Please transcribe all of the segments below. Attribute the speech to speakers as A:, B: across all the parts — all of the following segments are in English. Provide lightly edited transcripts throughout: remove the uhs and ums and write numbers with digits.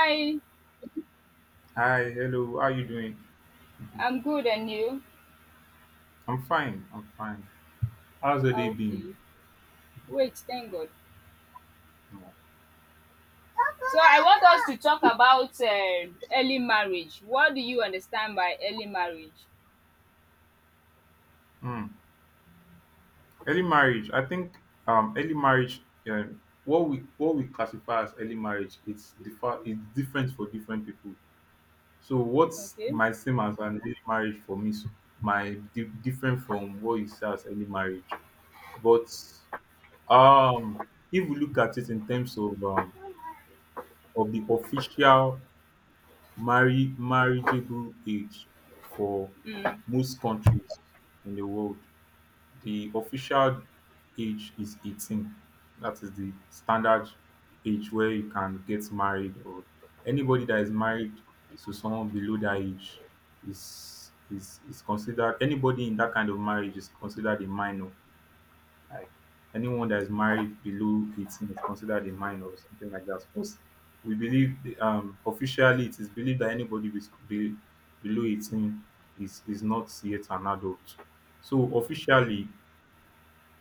A: Hi,
B: Hi, hello. How you doing? Mhm.
A: I'm good and you?
B: I'm fine. I'm fine. How's the day been?
A: Okay. Wait, thank God. So I want us to talk about early marriage. What do you understand by early marriage?
B: Mm. Early marriage. I think early marriage. Uh, what we classify as early marriage, It's different for different people. So what's
A: Okay.
B: my same as an early marriage for me? So different from what you say as early marriage. But if we look at it in terms of the official marry marriageable age for
A: Mm.
B: most countries in the world. The official age is 18. That is the standard age where you can get married, or anybody that is married to someone below that age is considered, anybody in that kind of marriage is considered a minor. Like anyone that is married below 18 is considered a minor or something like that. Because we believe um, officially it is believed that anybody be, below 18 is not yet an adult. So officially,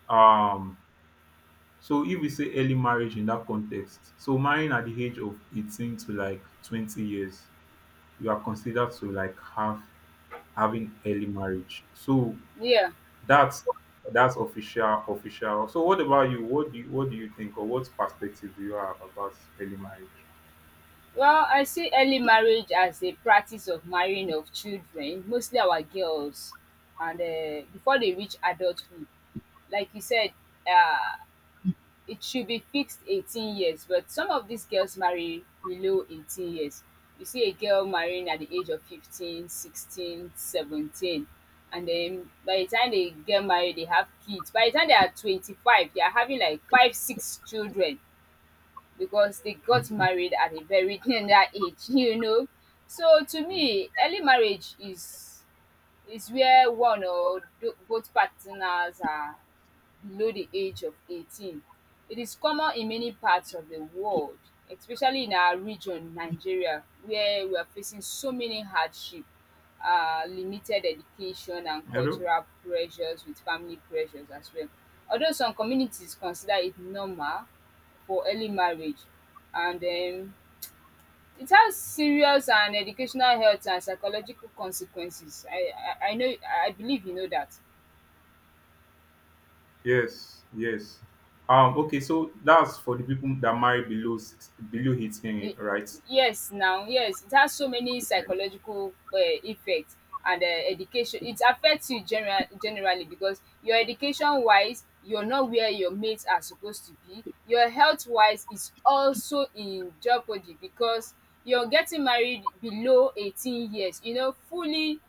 B: um so if we say early marriage in that context, so marrying at the age of 18 to like 20 years, you are considered to like have having early marriage. So
A: Yeah.
B: that's that's official, official. So what about you? What do you what do you think, or what perspective do you have about early marriage?
A: Well, I see early marriage as a practice of marrying of children, mostly our girls, and before they reach adulthood. Like you said, uh, it should be fixed 18 years, but some of these girls marry below 18 years. You see a girl marrying at the age of 15, 16, 17, and then by the time they get married, they have kids. By the time they are 25, they are having like five, six children because they got married at a very tender age. So to
B: Mm.
A: me, early marriage is where one or both partners are below the age of 18. It is common in many parts of the world, especially in our region, Nigeria, where we are facing so many hardship, limited education and
B: Hello?
A: cultural pressures with family pressures as well. Although some communities consider it normal for early marriage and it has serious and educational health and psychological consequences. I know I believe you know that.
B: Yes, yes. Okay, so that's for the people that marry below below 18,
A: Y-
B: right?
A: yes, now, yes, it has so many psychological effects and education, it affects you generally, because your education wise, you're not where your mates are supposed to be. Your health wise is also in jeopardy because you're getting married below 18 years, you know. Fully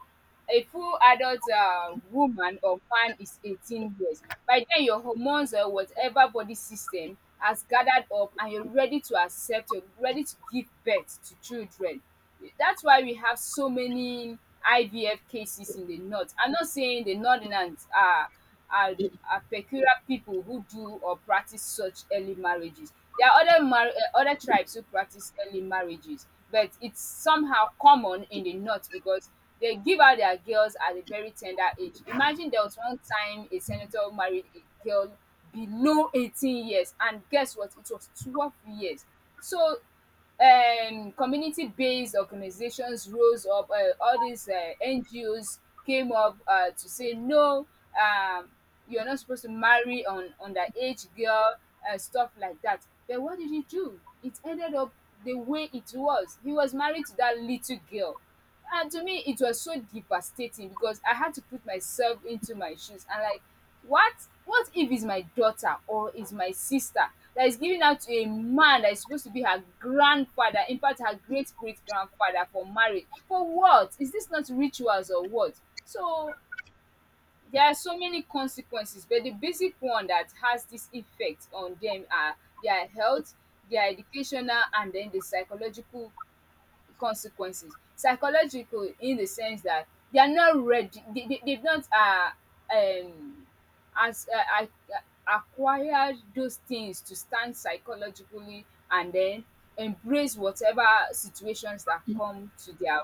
A: a full adult woman or man is 18 years. By then, your hormones or whatever body system has gathered up and you're ready to accept, you're ready to give birth to children. That's why we have so many IVF cases in the north. I'm not saying the northerners are are are peculiar people who do or practice such early marriages. There are other other tribes who practice early marriages, but it's somehow common in the north because they give out their girls at a very tender age. Imagine there was one time a senator married a girl below 18 years, and guess what? It was 12 years. So and community-based organizations rose up, um, all these, um, NGOs came up, um, to say no, um, you're not supposed to marry on underage girl and stuff like that. But what did he do? It ended up the way it was. He was married to that little girl. And to me, it was so devastating because I had to put myself into my shoes and like, what? What if it's my daughter or it's my sister that is giving out to a man that is supposed to be her grandfather, in fact, her great great grandfather for marriage? For what? Is this not rituals or what? So there are so many consequences, but the basic one that has this effect on them are their health, their educational, and then the psychological consequences. Psychological in the sense that they are not ready. They've not um, as uh, I, acquired those things to stand psychologically and then embrace whatever situations that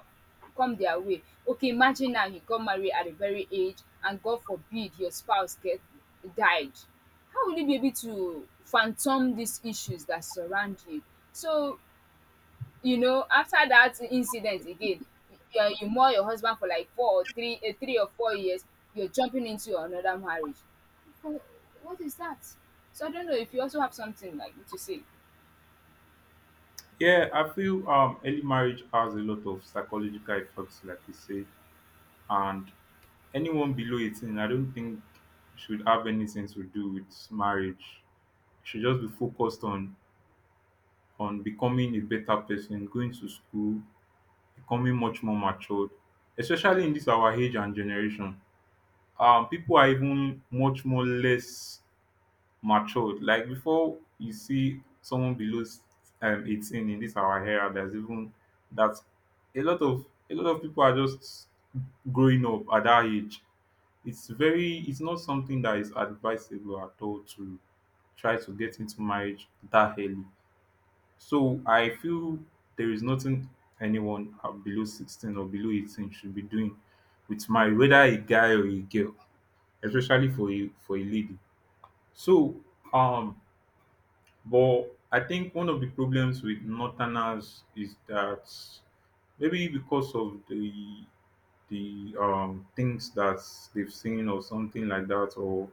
A: come their way. Okay, imagine now you got married at a very age and God forbid your spouse get died. How will you be able to phantom these issues that surround you? So you know, after that incident again, you mourn your husband for like 3 or 4 years. You're jumping into another marriage. Wh- What is that? So I don't know if you also have something like to say.
B: Yeah, I feel early marriage has a lot of psychological effects, like you say, and anyone below 18, I don't think should have anything to do with marriage. Should just be focused on becoming a better person, going to school, becoming much more matured, especially in this our age and generation. People are even much more less matured. Like before, you see someone below 18 in this our era, there's even that a lot of people are just growing up at that age. It's not something that is advisable at all to try to get into marriage that early. So I feel there is nothing anyone below 16 or below 18 should be doing with marriage, whether a guy or a girl, especially for a lady. So um but I think one of the problems with northerners is that maybe because of the things that they've seen or something like that, or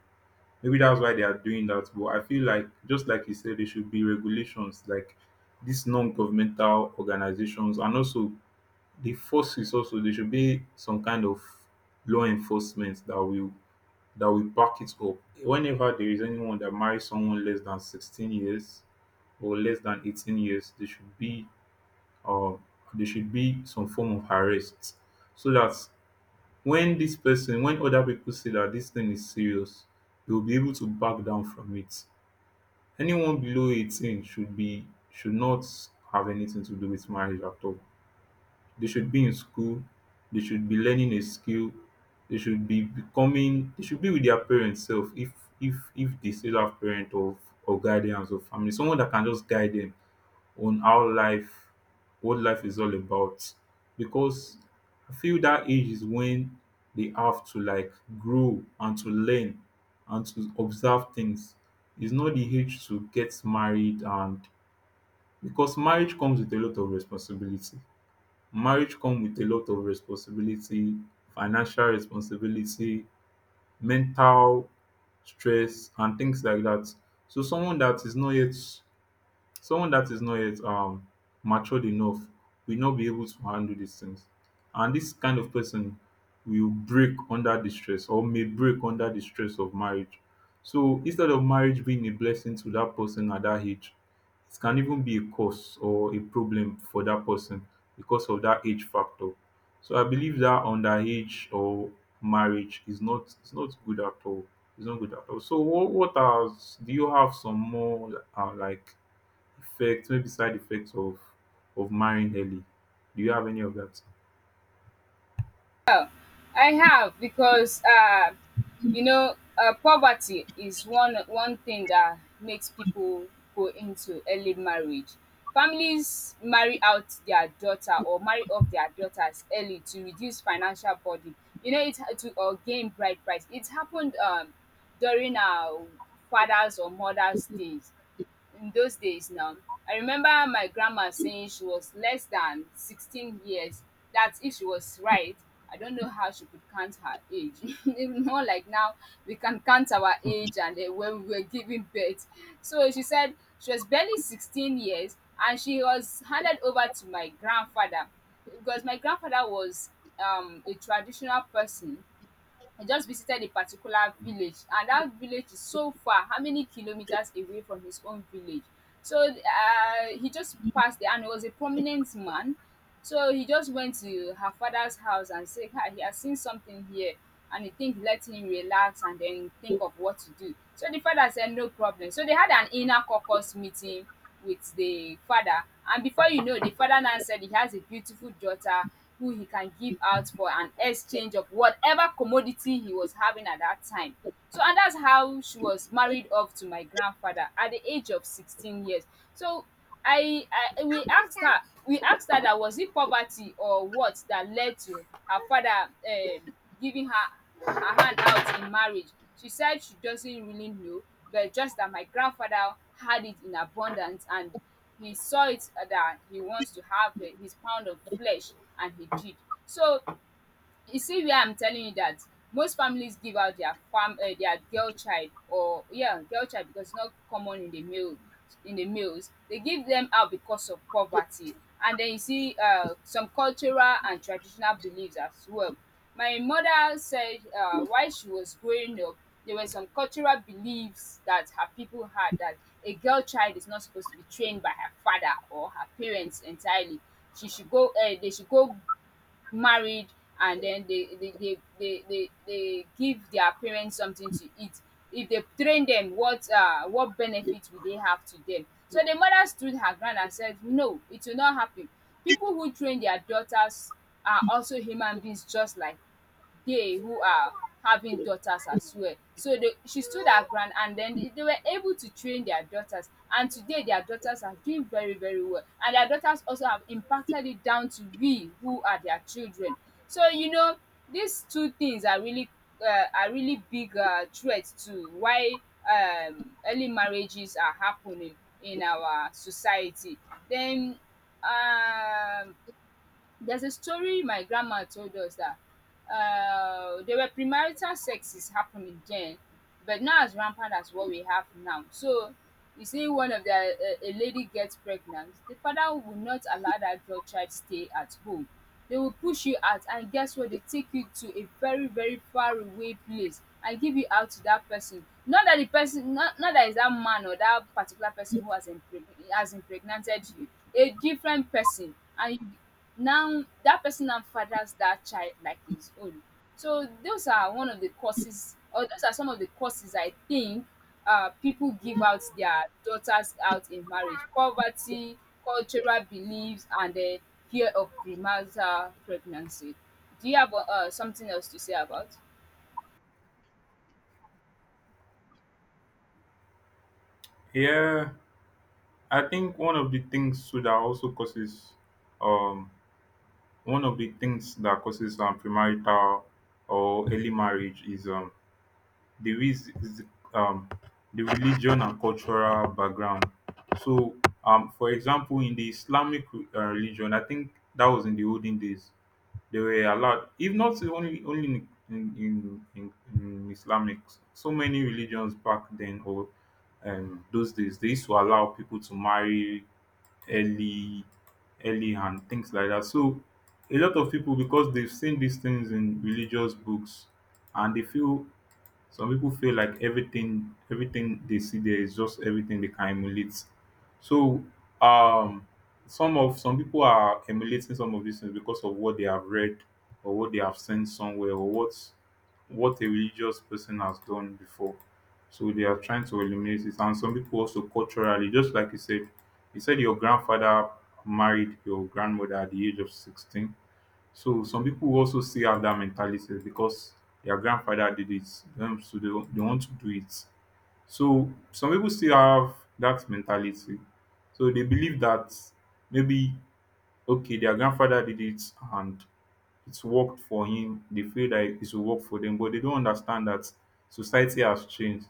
B: maybe that's why they are doing that. But I feel like, just like you said, there should be regulations like these non-governmental organizations, and also the forces. Also, there should be some kind of law enforcement that will back it up. Whenever there is anyone that marries someone less than 16 years or less than 18 years, uh, there should be some form of arrest, so that when this person when other people see that this thing is serious, they will be able to back down from it. Anyone below 18 should be, should not have anything to do with marriage at all. They should be in school, they should be learning a skill, they should be becoming, they should be with their parents self, if if they still have parent, or guardians or family, someone that can just guide them on how life, what life is all about, because I feel that age is when they have to like grow and to learn and to observe things. It's not the age to get married, and because marriage comes with a lot of responsibility. Marriage comes with a lot of responsibility, financial responsibility, mental stress, and things like that. So someone that is not yet matured enough will not be able to handle these things, and this kind of person will break under the stress, or may break under the stress of marriage. So instead of marriage being a blessing to that person at that age, it can even be a cause or a problem for that person because of that age factor. So I believe that underage or marriage is not, it's not good at all, it's not good at all. So what are, do you have some more like effects, maybe side effects, of marrying early? Do you have any of that?
A: I have because poverty is one thing that makes people go into early marriage. Families marry out their daughter or marry off their daughters early to reduce financial burden. You know it to or gain bride price. It happened during our fathers or mothers days in those days now. I remember my grandma saying she was less than 16 years. That if she was right, I don't know how she could count her age. Even more like now, we can count our age and when we were giving birth. So she said she was barely 16 years and she was handed over to my grandfather because my grandfather was a traditional person. I just visited a particular village and that village is so far, how many kilometers away from his own village. So he just passed there and he was a prominent man. So he just went to her father's house and said, "Hi, he has seen something here and he think let him relax and then think of what to do." So the father said no problem. So they had an inner caucus meeting with the father, and before you know, the father now said he has a beautiful daughter who he can give out for an exchange of whatever commodity he was having at that time. So and that's how she was married off to my grandfather at the age of 16 years. So i I we asked her that was it poverty or what that led to her father, um, giving her her hand out in marriage. She said she doesn't really know, but just that my grandfather had it in abundance and he saw it that he wants to have eh, his pound of flesh and he did. So you see where I'm telling you that most families give out their their girl child or yeah, girl child because it's not common in the males. They give them out because of poverty. And then you see some cultural and traditional beliefs as well. My mother said while she was growing up, there were some cultural beliefs that her people had that a girl child is not supposed to be trained by her father or her parents entirely. She should go married and then they give their parents something to eat. If they train them, what benefit will they have to them? So the mother stood her ground and said no, it will not happen. People who train their daughters are also human beings just like they who are having daughters as well. So they she stood her ground and then they were able to train their daughters, and today their daughters are doing very very well and their daughters also have impacted it down to we who are their children. So you know these two things are really big threat to why early marriages are happening in our society. Then um there's a story my grandma told us that there were premarital sexes happening then, but not as rampant as what we have now. So, you see, one of the a lady gets pregnant, the father will not allow that girl child stay at home. They will push you out, and guess what? They take you to a very very far away place and give you out to that person. Not that the person, not that is that man or that particular person who has impregnated you, a different person, and you now, that person now fathers that child like his own. So those are one of the causes or those are some of the causes I think people give out their daughters out in marriage. Poverty, cultural beliefs, and the fear of premarital pregnancy. Do you have something else to say about?
B: Yeah, I think one of the things too that also causes um one of the things that causes premarital or early marriage is is the, um, the religion and cultural background. So, for example, in the Islamic religion, I think that was in the olden days. They were allowed, if not only, only in, Islamic, so many religions back then, or those days they used to allow people to marry early early and things like that. So a lot of people, because they've seen these things in religious books and they feel, some people feel like everything they see there is just everything they can emulate. So um some people are emulating some of these things because of what they have read or what they have seen somewhere, or what a religious person has done before. So they are trying to eliminate it. And some people also, culturally, just like you said your grandfather married your grandmother at the age of 16. So some people also still have that mentality because their grandfather did it, so they want to do it. So some people still have that mentality. So they believe that maybe, okay, their grandfather did it and it's worked for him. They feel like it will work for them, but they don't understand that society has changed.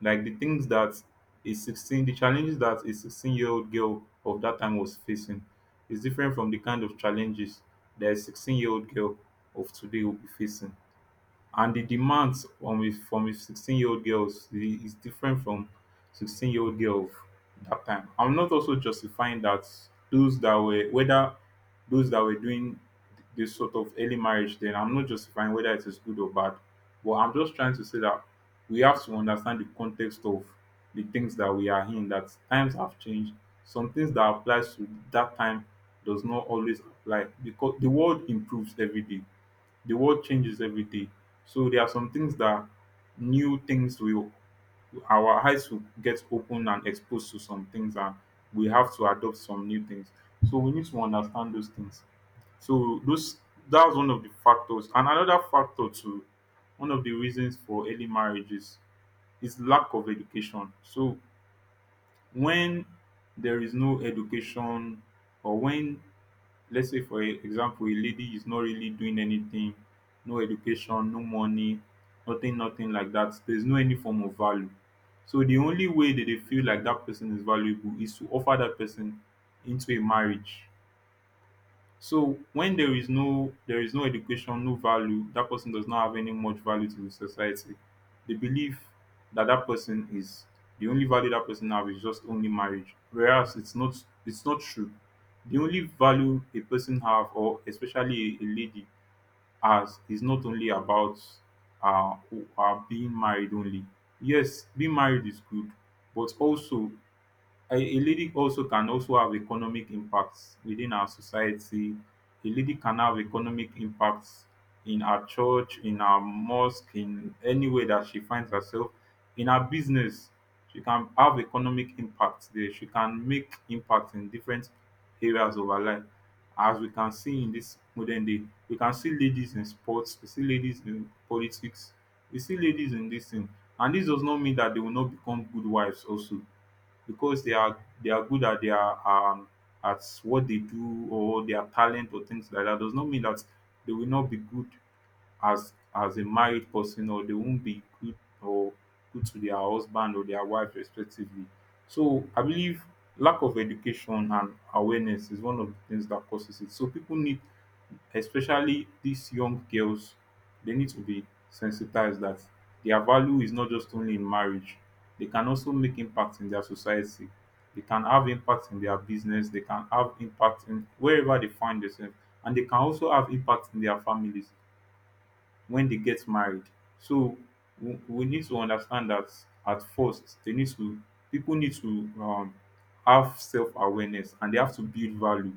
B: Like the things that the challenges that a 16-year-old girl of that time was facing is different from the kind of challenges that a 16-year-old girl of today will be facing, and the demands from a 16-year-old girl is different from 16-year-old girl of that time. I'm not also justifying that those that were whether those that were doing this sort of early marriage then, I'm not justifying whether it is good or bad, but I'm just trying to say that we have to understand the context of the things that we are in, that times have changed. Some things that applies to that time does not always apply, because the world improves every day, the world changes every day. So there are some things that, new things will, our eyes will get open and exposed to some things, and we have to adopt some new things. So we need to understand those things. So those that's one of the factors. And another factor too, one of the reasons for early marriages is lack of education. So when there is no education, or when, let's say, for example, a lady is not really doing anything, no education, no money, nothing like that, there's no any form of value. So the only way that they feel like that person is valuable is to offer that person into a marriage. So when there is no education, no value, that person does not have any much value to the society. They believe that that person is, the only value that person have is just only marriage, whereas it's not, it's not true. The only value a person have, or especially a lady has, is not only about uh, being married only. Yes, being married is good, but also a lady also can also have economic impacts within our society. A lady can have economic impacts in her church, in her mosque, in any way that she finds herself, in her business. She can have economic impacts there. She can make impact in different areas of her life. As we can see in this modern day, we can see ladies in sports, we see ladies in politics, we see ladies in this thing. And this does not mean that they will not become good wives also, because they are, they are good at their at what they do, or their talent, or things like that does not mean that they will not be good as a married person, or they won't be good, or good to their husband or their wife respectively. So I believe lack of education and awareness is one of the things that causes it. So people need, especially these young girls, they need to be sensitized that their value is not just only in marriage. They can also make impact in their society. They can have impact in their business. They can have impact in wherever they find themselves, and they can also have impact in their families when they get married. So we need to understand that at first they need to people need to have self-awareness and they have to build value.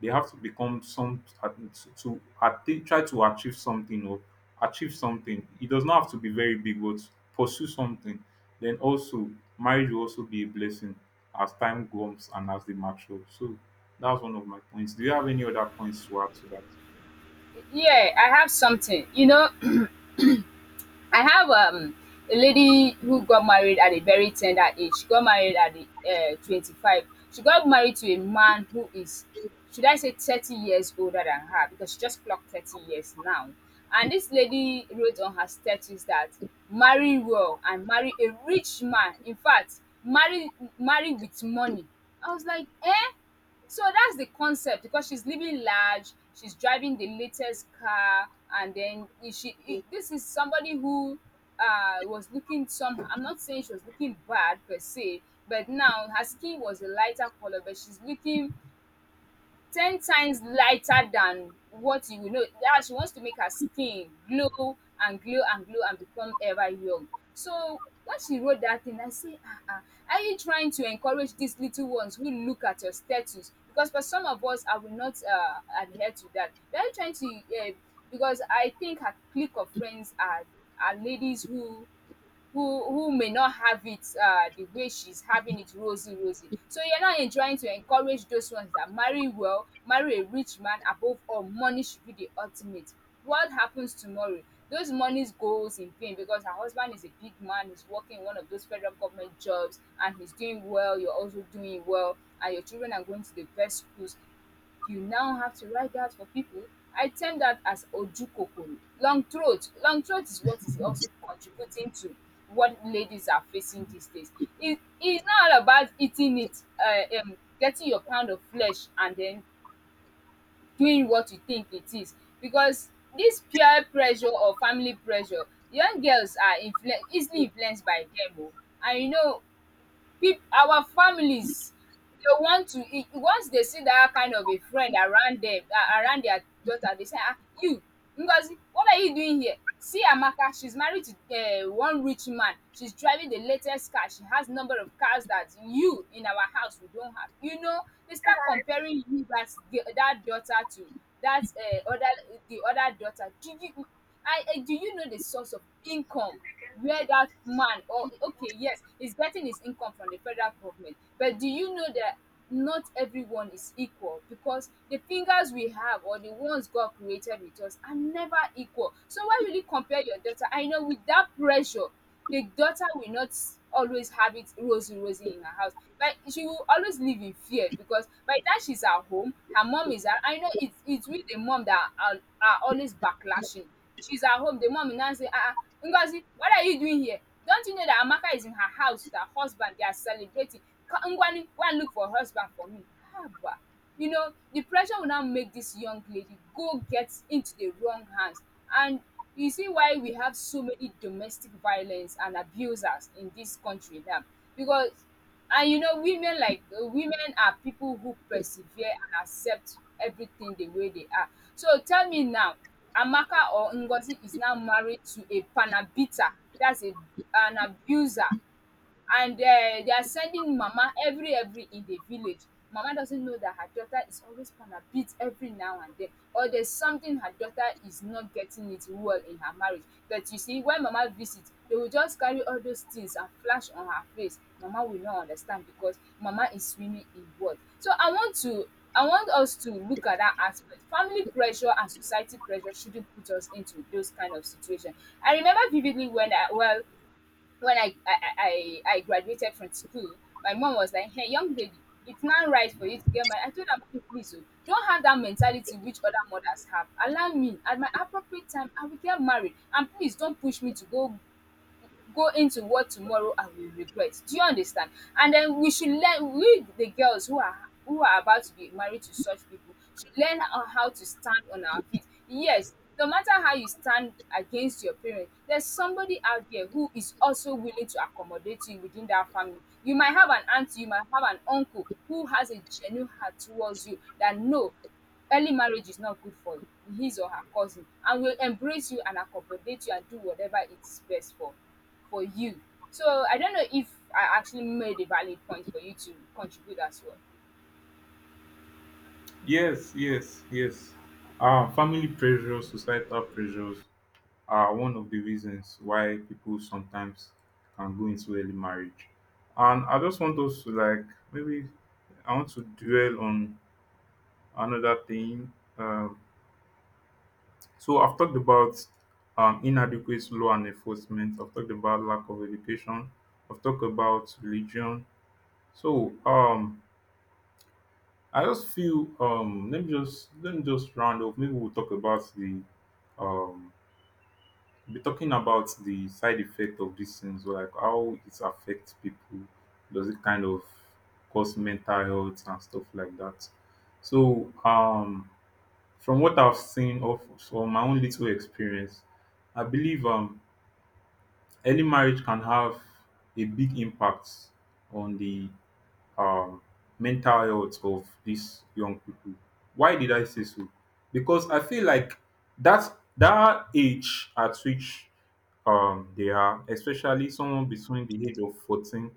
B: They have to become some to attain, try to achieve something. It does not have to be very big, but pursue something. Then also marriage will also be a blessing as time goes and as they mature. So that's one of my points. Do you have any other points to add to that?
A: Yeah, I have something. You know, I have a lady who got married at a very tender age. She got married at the 25. She got married to a man who is, should I say, 30 years older than her because she just clocked 30 years now. And this lady wrote on her status that marry well and marry a rich man. In fact, marry with money. I was like, eh? So that's the concept because she's living large, she's driving the latest car, and then this is somebody who was looking some, I'm not saying she was looking bad per se, but now her skin was a lighter color, but she's looking 10 times lighter than what you know. Yeah, she wants to make her skin glow and glow and glow and become ever young. So when she wrote that thing, I say, ah, ah, are you trying to encourage these little ones who look at your status? Because for some of us, I will not adhere to that. Are you trying to, because I think her clique of friends are ladies who may not have it the way she's having it rosy rosy. So you're now in trying to encourage those ones that marry well, marry a rich man. Above all, money should be the ultimate. What happens tomorrow? Those monies goes in vain because her husband is a big man, he's working in one of those federal government jobs and he's doing well, you're also doing well, and your children are going to the best schools. You now have to write that for people. I term that as ojukokoro. Long throat. Long throat is what is also contributing to what ladies are facing these days. It is not all about eating it, getting your pound of flesh and then doing what you think it is. Because this peer pressure or family pressure, young girls are easily influenced by them. Oh. And you know, peop our families, they want to e once they see that kind of a friend around them, a around their daughter, they say, "Ah, you Ngozi, what are you doing here? See Amaka, she's married to one rich man, she's driving the latest car, she has number of cars that you in our house we don't have, you know." They start comparing you, that that daughter to that other the other daughter. Do you, I do you know the source of income? Where that man, or okay, yes, he's getting his income from the federal government, but do you know that not everyone is equal? Because the fingers we have or the ones God created with us are never equal. So why will you compare your daughter? I know with that pressure, the daughter will not always have it rosy rosy in her house. Like, she will always live in fear, because by the time she's at home, her mom is at, I know it's with the mom that are always backlashing. She's at home, the mom will now say, "Ah, ah, Ngozi, what are you doing here? Don't you know that Amaka is in her house with her husband, they are celebrating? Ngwanu, go and look for a husband for me. Haba." You know, the pressure will now make this young lady go get into the wrong hands, and you see why we have so many domestic violence and abusers in this country now. Because, and you know, women like women are people who persevere and accept everything the way they are. So tell me now, Amaka or Ngozi is now married to a panabita. That's a an abuser, and they are sending mama every in the village. Mama doesn't know that her daughter is always gonna beat every now and then, or there's something her daughter is not getting it well in her marriage. But you see, when mama visit, they will just carry all those things and flash on her face. Mama will not understand because mama is swimming in blood. So I want to, I want us to look at that aspect. Family pressure and society pressure shouldn't put us into those kind of situation. I remember vividly when I, well, when I graduated from school, my mom was like, "Hey, young lady, it's not right for you to get married." I told her, "Mom, please, oh, don't have that mentality which other mothers have. Allow me. At my appropriate time, I will get married, and please don't push me to go into what tomorrow I will regret. Do you understand? And then we should learn, we the girls who are about to be married to such people should learn on how to stand on our feet. Yes, no matter how you stand against your parents, there's somebody out there who is also willing to accommodate you within that family. You might have an aunt, you might have an uncle who has a genuine heart towards you, that no, early marriage is not good for his or her cousin, and will embrace you and accommodate you and do whatever it is best for you. So I don't know if I actually made a valid point for you to contribute as well.
B: Yes, yes, yes. Family pressures, societal pressures are one of the reasons why people sometimes can go into early marriage. And I just want us to, like, maybe I want to dwell on another thing. So I've talked about inadequate law and enforcement. I've talked about lack of education. I've talked about religion. So I just feel let me just round up. Maybe we'll talk about the um be talking about the side effect of these things, like how it affects people. Does it kind of cause mental health and stuff like that? So from what I've seen of from my own little experience, I believe early marriage can have a big impact on the um, mental health of these young people. Why did I say so? Because I feel like that age at which they are, especially someone between the age of 14,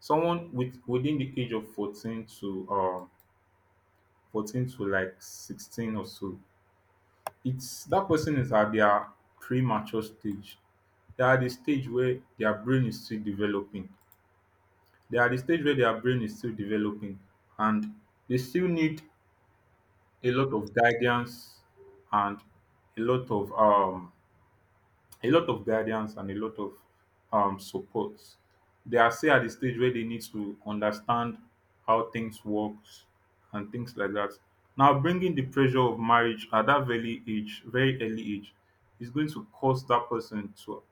B: someone within the age of 14 to 14 to like 16 or so. It's that person is at their premature stage. They are at the stage where their brain is still developing. They are at the stage where their brain is still developing, and they still need a lot of guidance and a lot of um a lot of guidance and a lot of support. They are still at the stage where they need to understand how things works and things like that. Now bringing the pressure of marriage at that very age, very early age, is going to cause that person to,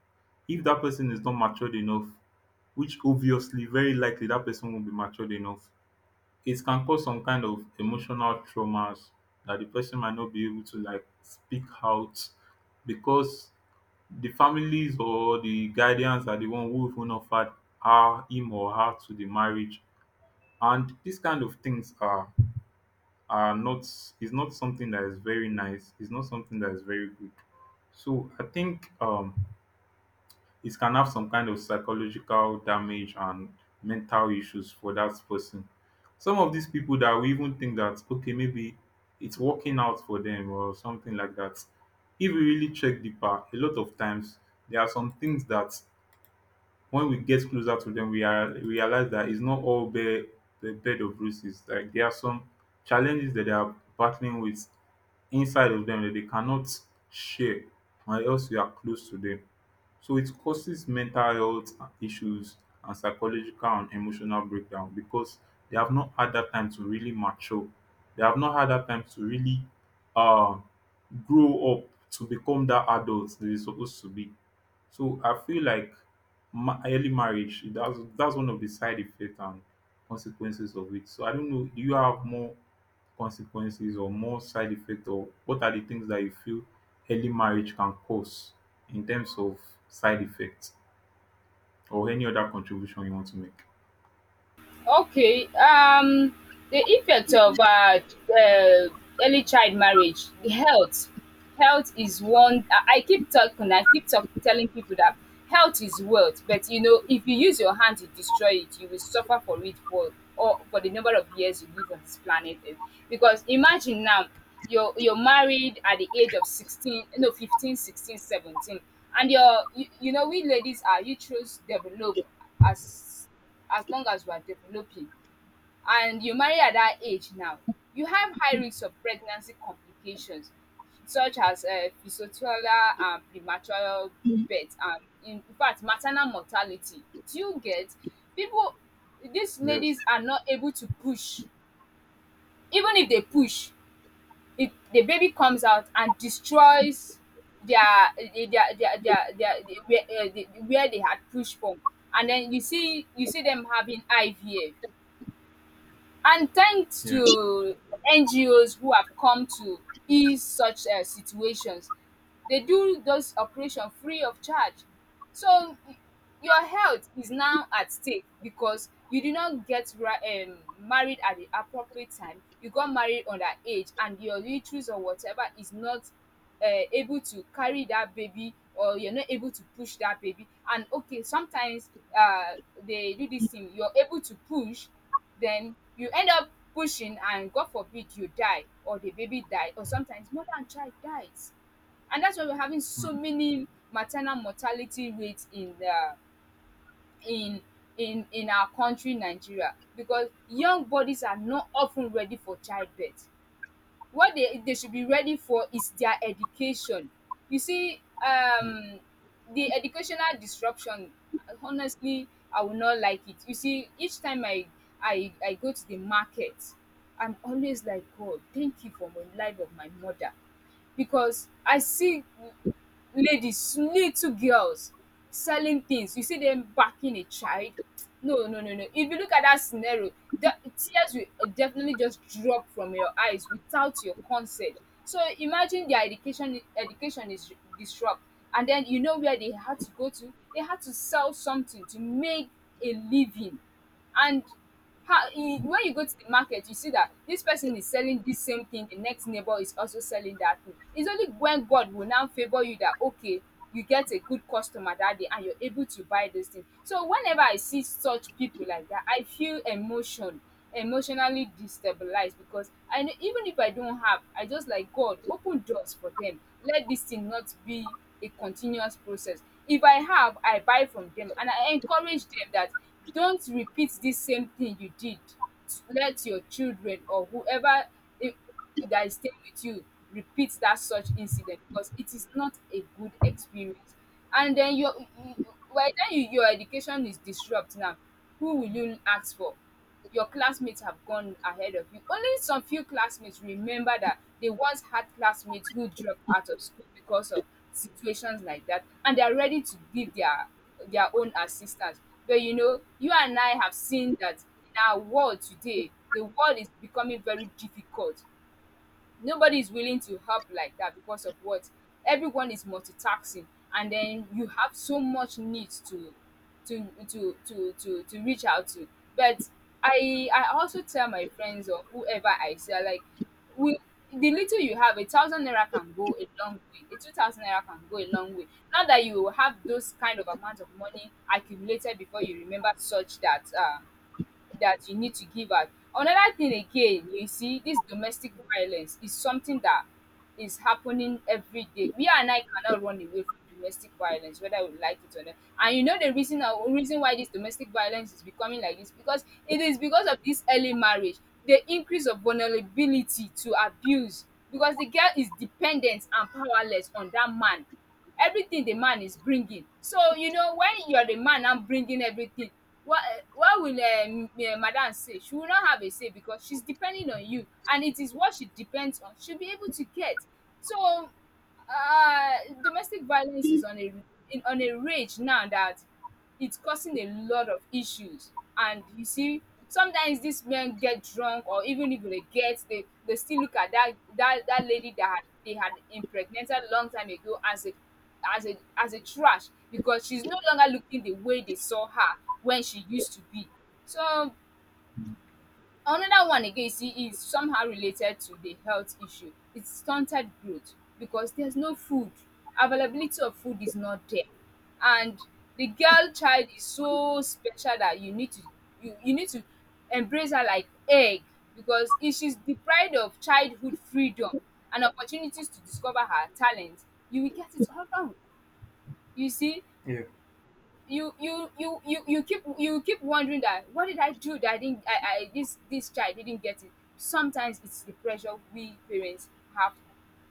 B: if that person is not matured enough, which obviously very likely that person won't be matured enough, it can cause some kind of emotional traumas that the person might not be able to, like, speak out because the families or the guardians are the one who even offered her him or her to the marriage, and these kind of things are not is not something that is very nice, it's not something that is very good. So I think it can have some kind of psychological damage and mental issues for that person. Some of these people that we even think that, okay, maybe it's working out for them or something like that. If we really check deeper, a lot of times there are some things that when we get closer to them, we are realize that it's not all bare the bed of bruises. Like, there are some challenges that they are battling with inside of them that they cannot share or else we are close to them. So it causes mental health issues and psychological and emotional breakdown because they have not had that time to really mature. They have not had that time to really um grow up to become that adult they're supposed to be. So I feel like early marriage, that's one of the side effects and consequences of it. So I don't know. Do you have more consequences or more side effects, or what are the things that you feel early marriage can cause in terms of side effects or any other contribution you want to make?
A: Okay, the effect of uh, early child marriage, the health, health is one. I keep talking, I keep telling people that health is wealth. But you know, if you use your hand to destroy it, you will suffer for it for, or for the number of years you live on this planet. Earth. Because imagine now, you're married at the age of 16, no, 15, 16, 17, and you know we ladies are uterus develop, as as long as you are developing, and you marry at that age now, you have high risks of pregnancy complications, such as physiotiolar and premature birth, and in fact maternal mortality. Do you get? People, these
B: Yes.
A: ladies are not able to push. Even if they push, if the baby comes out and destroys their where they had pushed from, and then you see, you see them having IVF. And thanks
B: Yeah.
A: to NGOs who have come to ease such situations, they do those operation free of charge. So y- your health is now at stake because you did not get married at the appropriate time. You got married underage, and your uterus or whatever is not able to carry that baby, or you're not able to push that baby. And okay, sometimes uh they do this thing, you're able to push, then you end up pushing, and God forbid, you die, or the baby die, or sometimes mother and child dies. And that's why we're having so
B: Mm,
A: many maternal mortality rates in the in in our country Nigeria, because young bodies are not often ready for childbirth. What they should be ready for is their education. You see,
B: yeah.
A: the educational disruption. Honestly, I will not like it. You see, each time I go to the market, I'm always like, God, thank you for my life of my mother, because I see ladies, little girls selling things. You see them backing a child. No, no, no, no. If you look at that scenario, the tears will definitely just drop from your eyes without your consent. So imagine, their education education is disrupted, and then you know where they had to go to. They had to sell something to make a living. And how e when you go to the market, you see that this person is selling this same thing, the next neighbor is also selling that thing. It's only when God will now favor you that okay, you get a good customer that day and you're able to buy this thing. So whenever I see such people like that, I feel emotionally destabilized, because I know, even if I don't have, I just like, God, open doors for them. Let this thing not be a continuous process. If I have, I buy from them, and I encourage them that don't repeat this same thing you did. Let your children or whoever i- that is staying with you repeat that such incident, because it is not a good experience. And then your, by then you, your education is disrupt now, who will you ask for? Your classmates have gone ahead of you. Only some few classmates remember that they once had classmates who dropped out of school because of situations like that, and they are ready to give their own assistance. But you know, you and I have seen that in our world today, the world is becoming very difficult. Nobody is willing to help like that because of what, everyone is multitasking, and then you have so much needs to reach out to. But I also tell my friends or whoever I see, I'm like, we, the little you have, a 1,000 naira can go a long way, a 2,000 naira can go a long way, not that you will have those kind of amount of money accumulated before you remember such, that that you need to give out. Another thing again, you see, this domestic violence is something that is happening every day. We and I cannot run away from domestic violence, whether we like it or not. And you know the reason, reason why this domestic violence is becoming like this, because it is because of this early marriage, the increase of vulnerability to abuse, because the girl is dependent and powerless on that man, everything the man is bringing. So you know, when you're the man now bringing everything, what what will madam say? She will not have a say because she's depending on you, and it is what she depends on she'll be able to get. So uh domestic violence is on a, in, on a rage now that it's causing a lot of issues. And you see, sometimes these men get drunk, or even if they get, they still look at that that that lady that had, they had impregnated a long time ago as a as a trash, because she's no longer looking the way they saw her when she used to be. So
B: Mm.
A: another one again, you see, is somehow related to the health issue. It's stunted growth because there's no food. Availability of food is not there. And the girl child is so special that you need to, you need to embrace her like egg, because if she's deprived of childhood freedom and opportunities to discover her talent, you will get it all wrong. You see,
B: Yeah.
A: you keep, you keep wondering that what did I do, that I didn't, I this this child didn't get it. Sometimes it's the pressure we parents have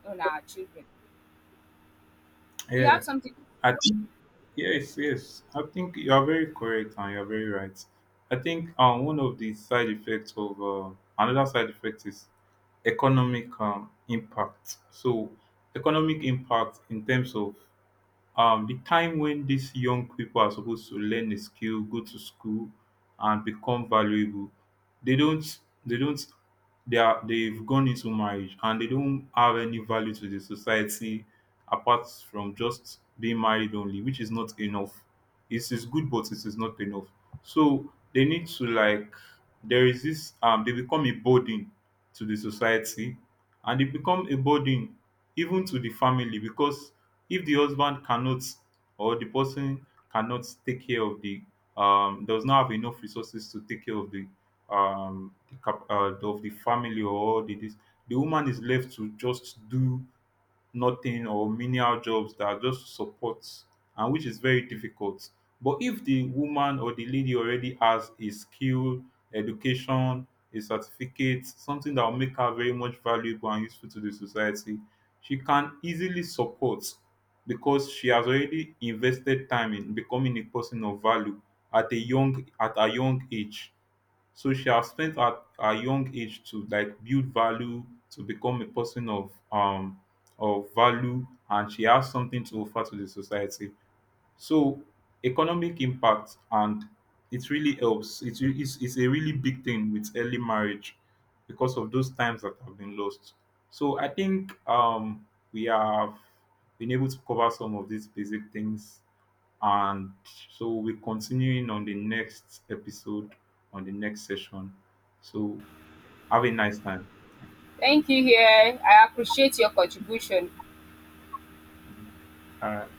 A: on our children. You
B: Yeah.
A: have something to
B: I
A: say?
B: think yes, yes. I think you are very correct and you are very right. I think one of the side effects of another side effect is economic impact. So economic impact in terms of the time when these young people are supposed to learn a skill, go to school, and become valuable, they don't. They don't. They are. They've gone into marriage and they don't have any value to the society apart from just being married only, which is not enough. It is good, but it is not enough. So they need to, like, there is this. They become a burden to the society, and e become a burden even to the family because if the husband cannot, or the person cannot take care of the does not have enough resources to take care of the of the family or the this the woman is left to just do nothing or menial jobs that are just support, and which is very difficult. But if the woman or the lady already has a skill, education, a certificate, something that will make her very much valuable and useful to the society, she can easily support because she has already invested time in becoming a person of value at a young age. So she has spent her young age to, like, build value, to become a person of value, and she has something to offer to the society. So economic impact, and it really helps. It's a really big thing with early marriage because of those times that have been lost. So I think we have been able to cover some of these basic things, and so we'll be continuing on the next episode, on the next session. So have a nice time.
A: Thank you here. I appreciate your contribution.
B: All right.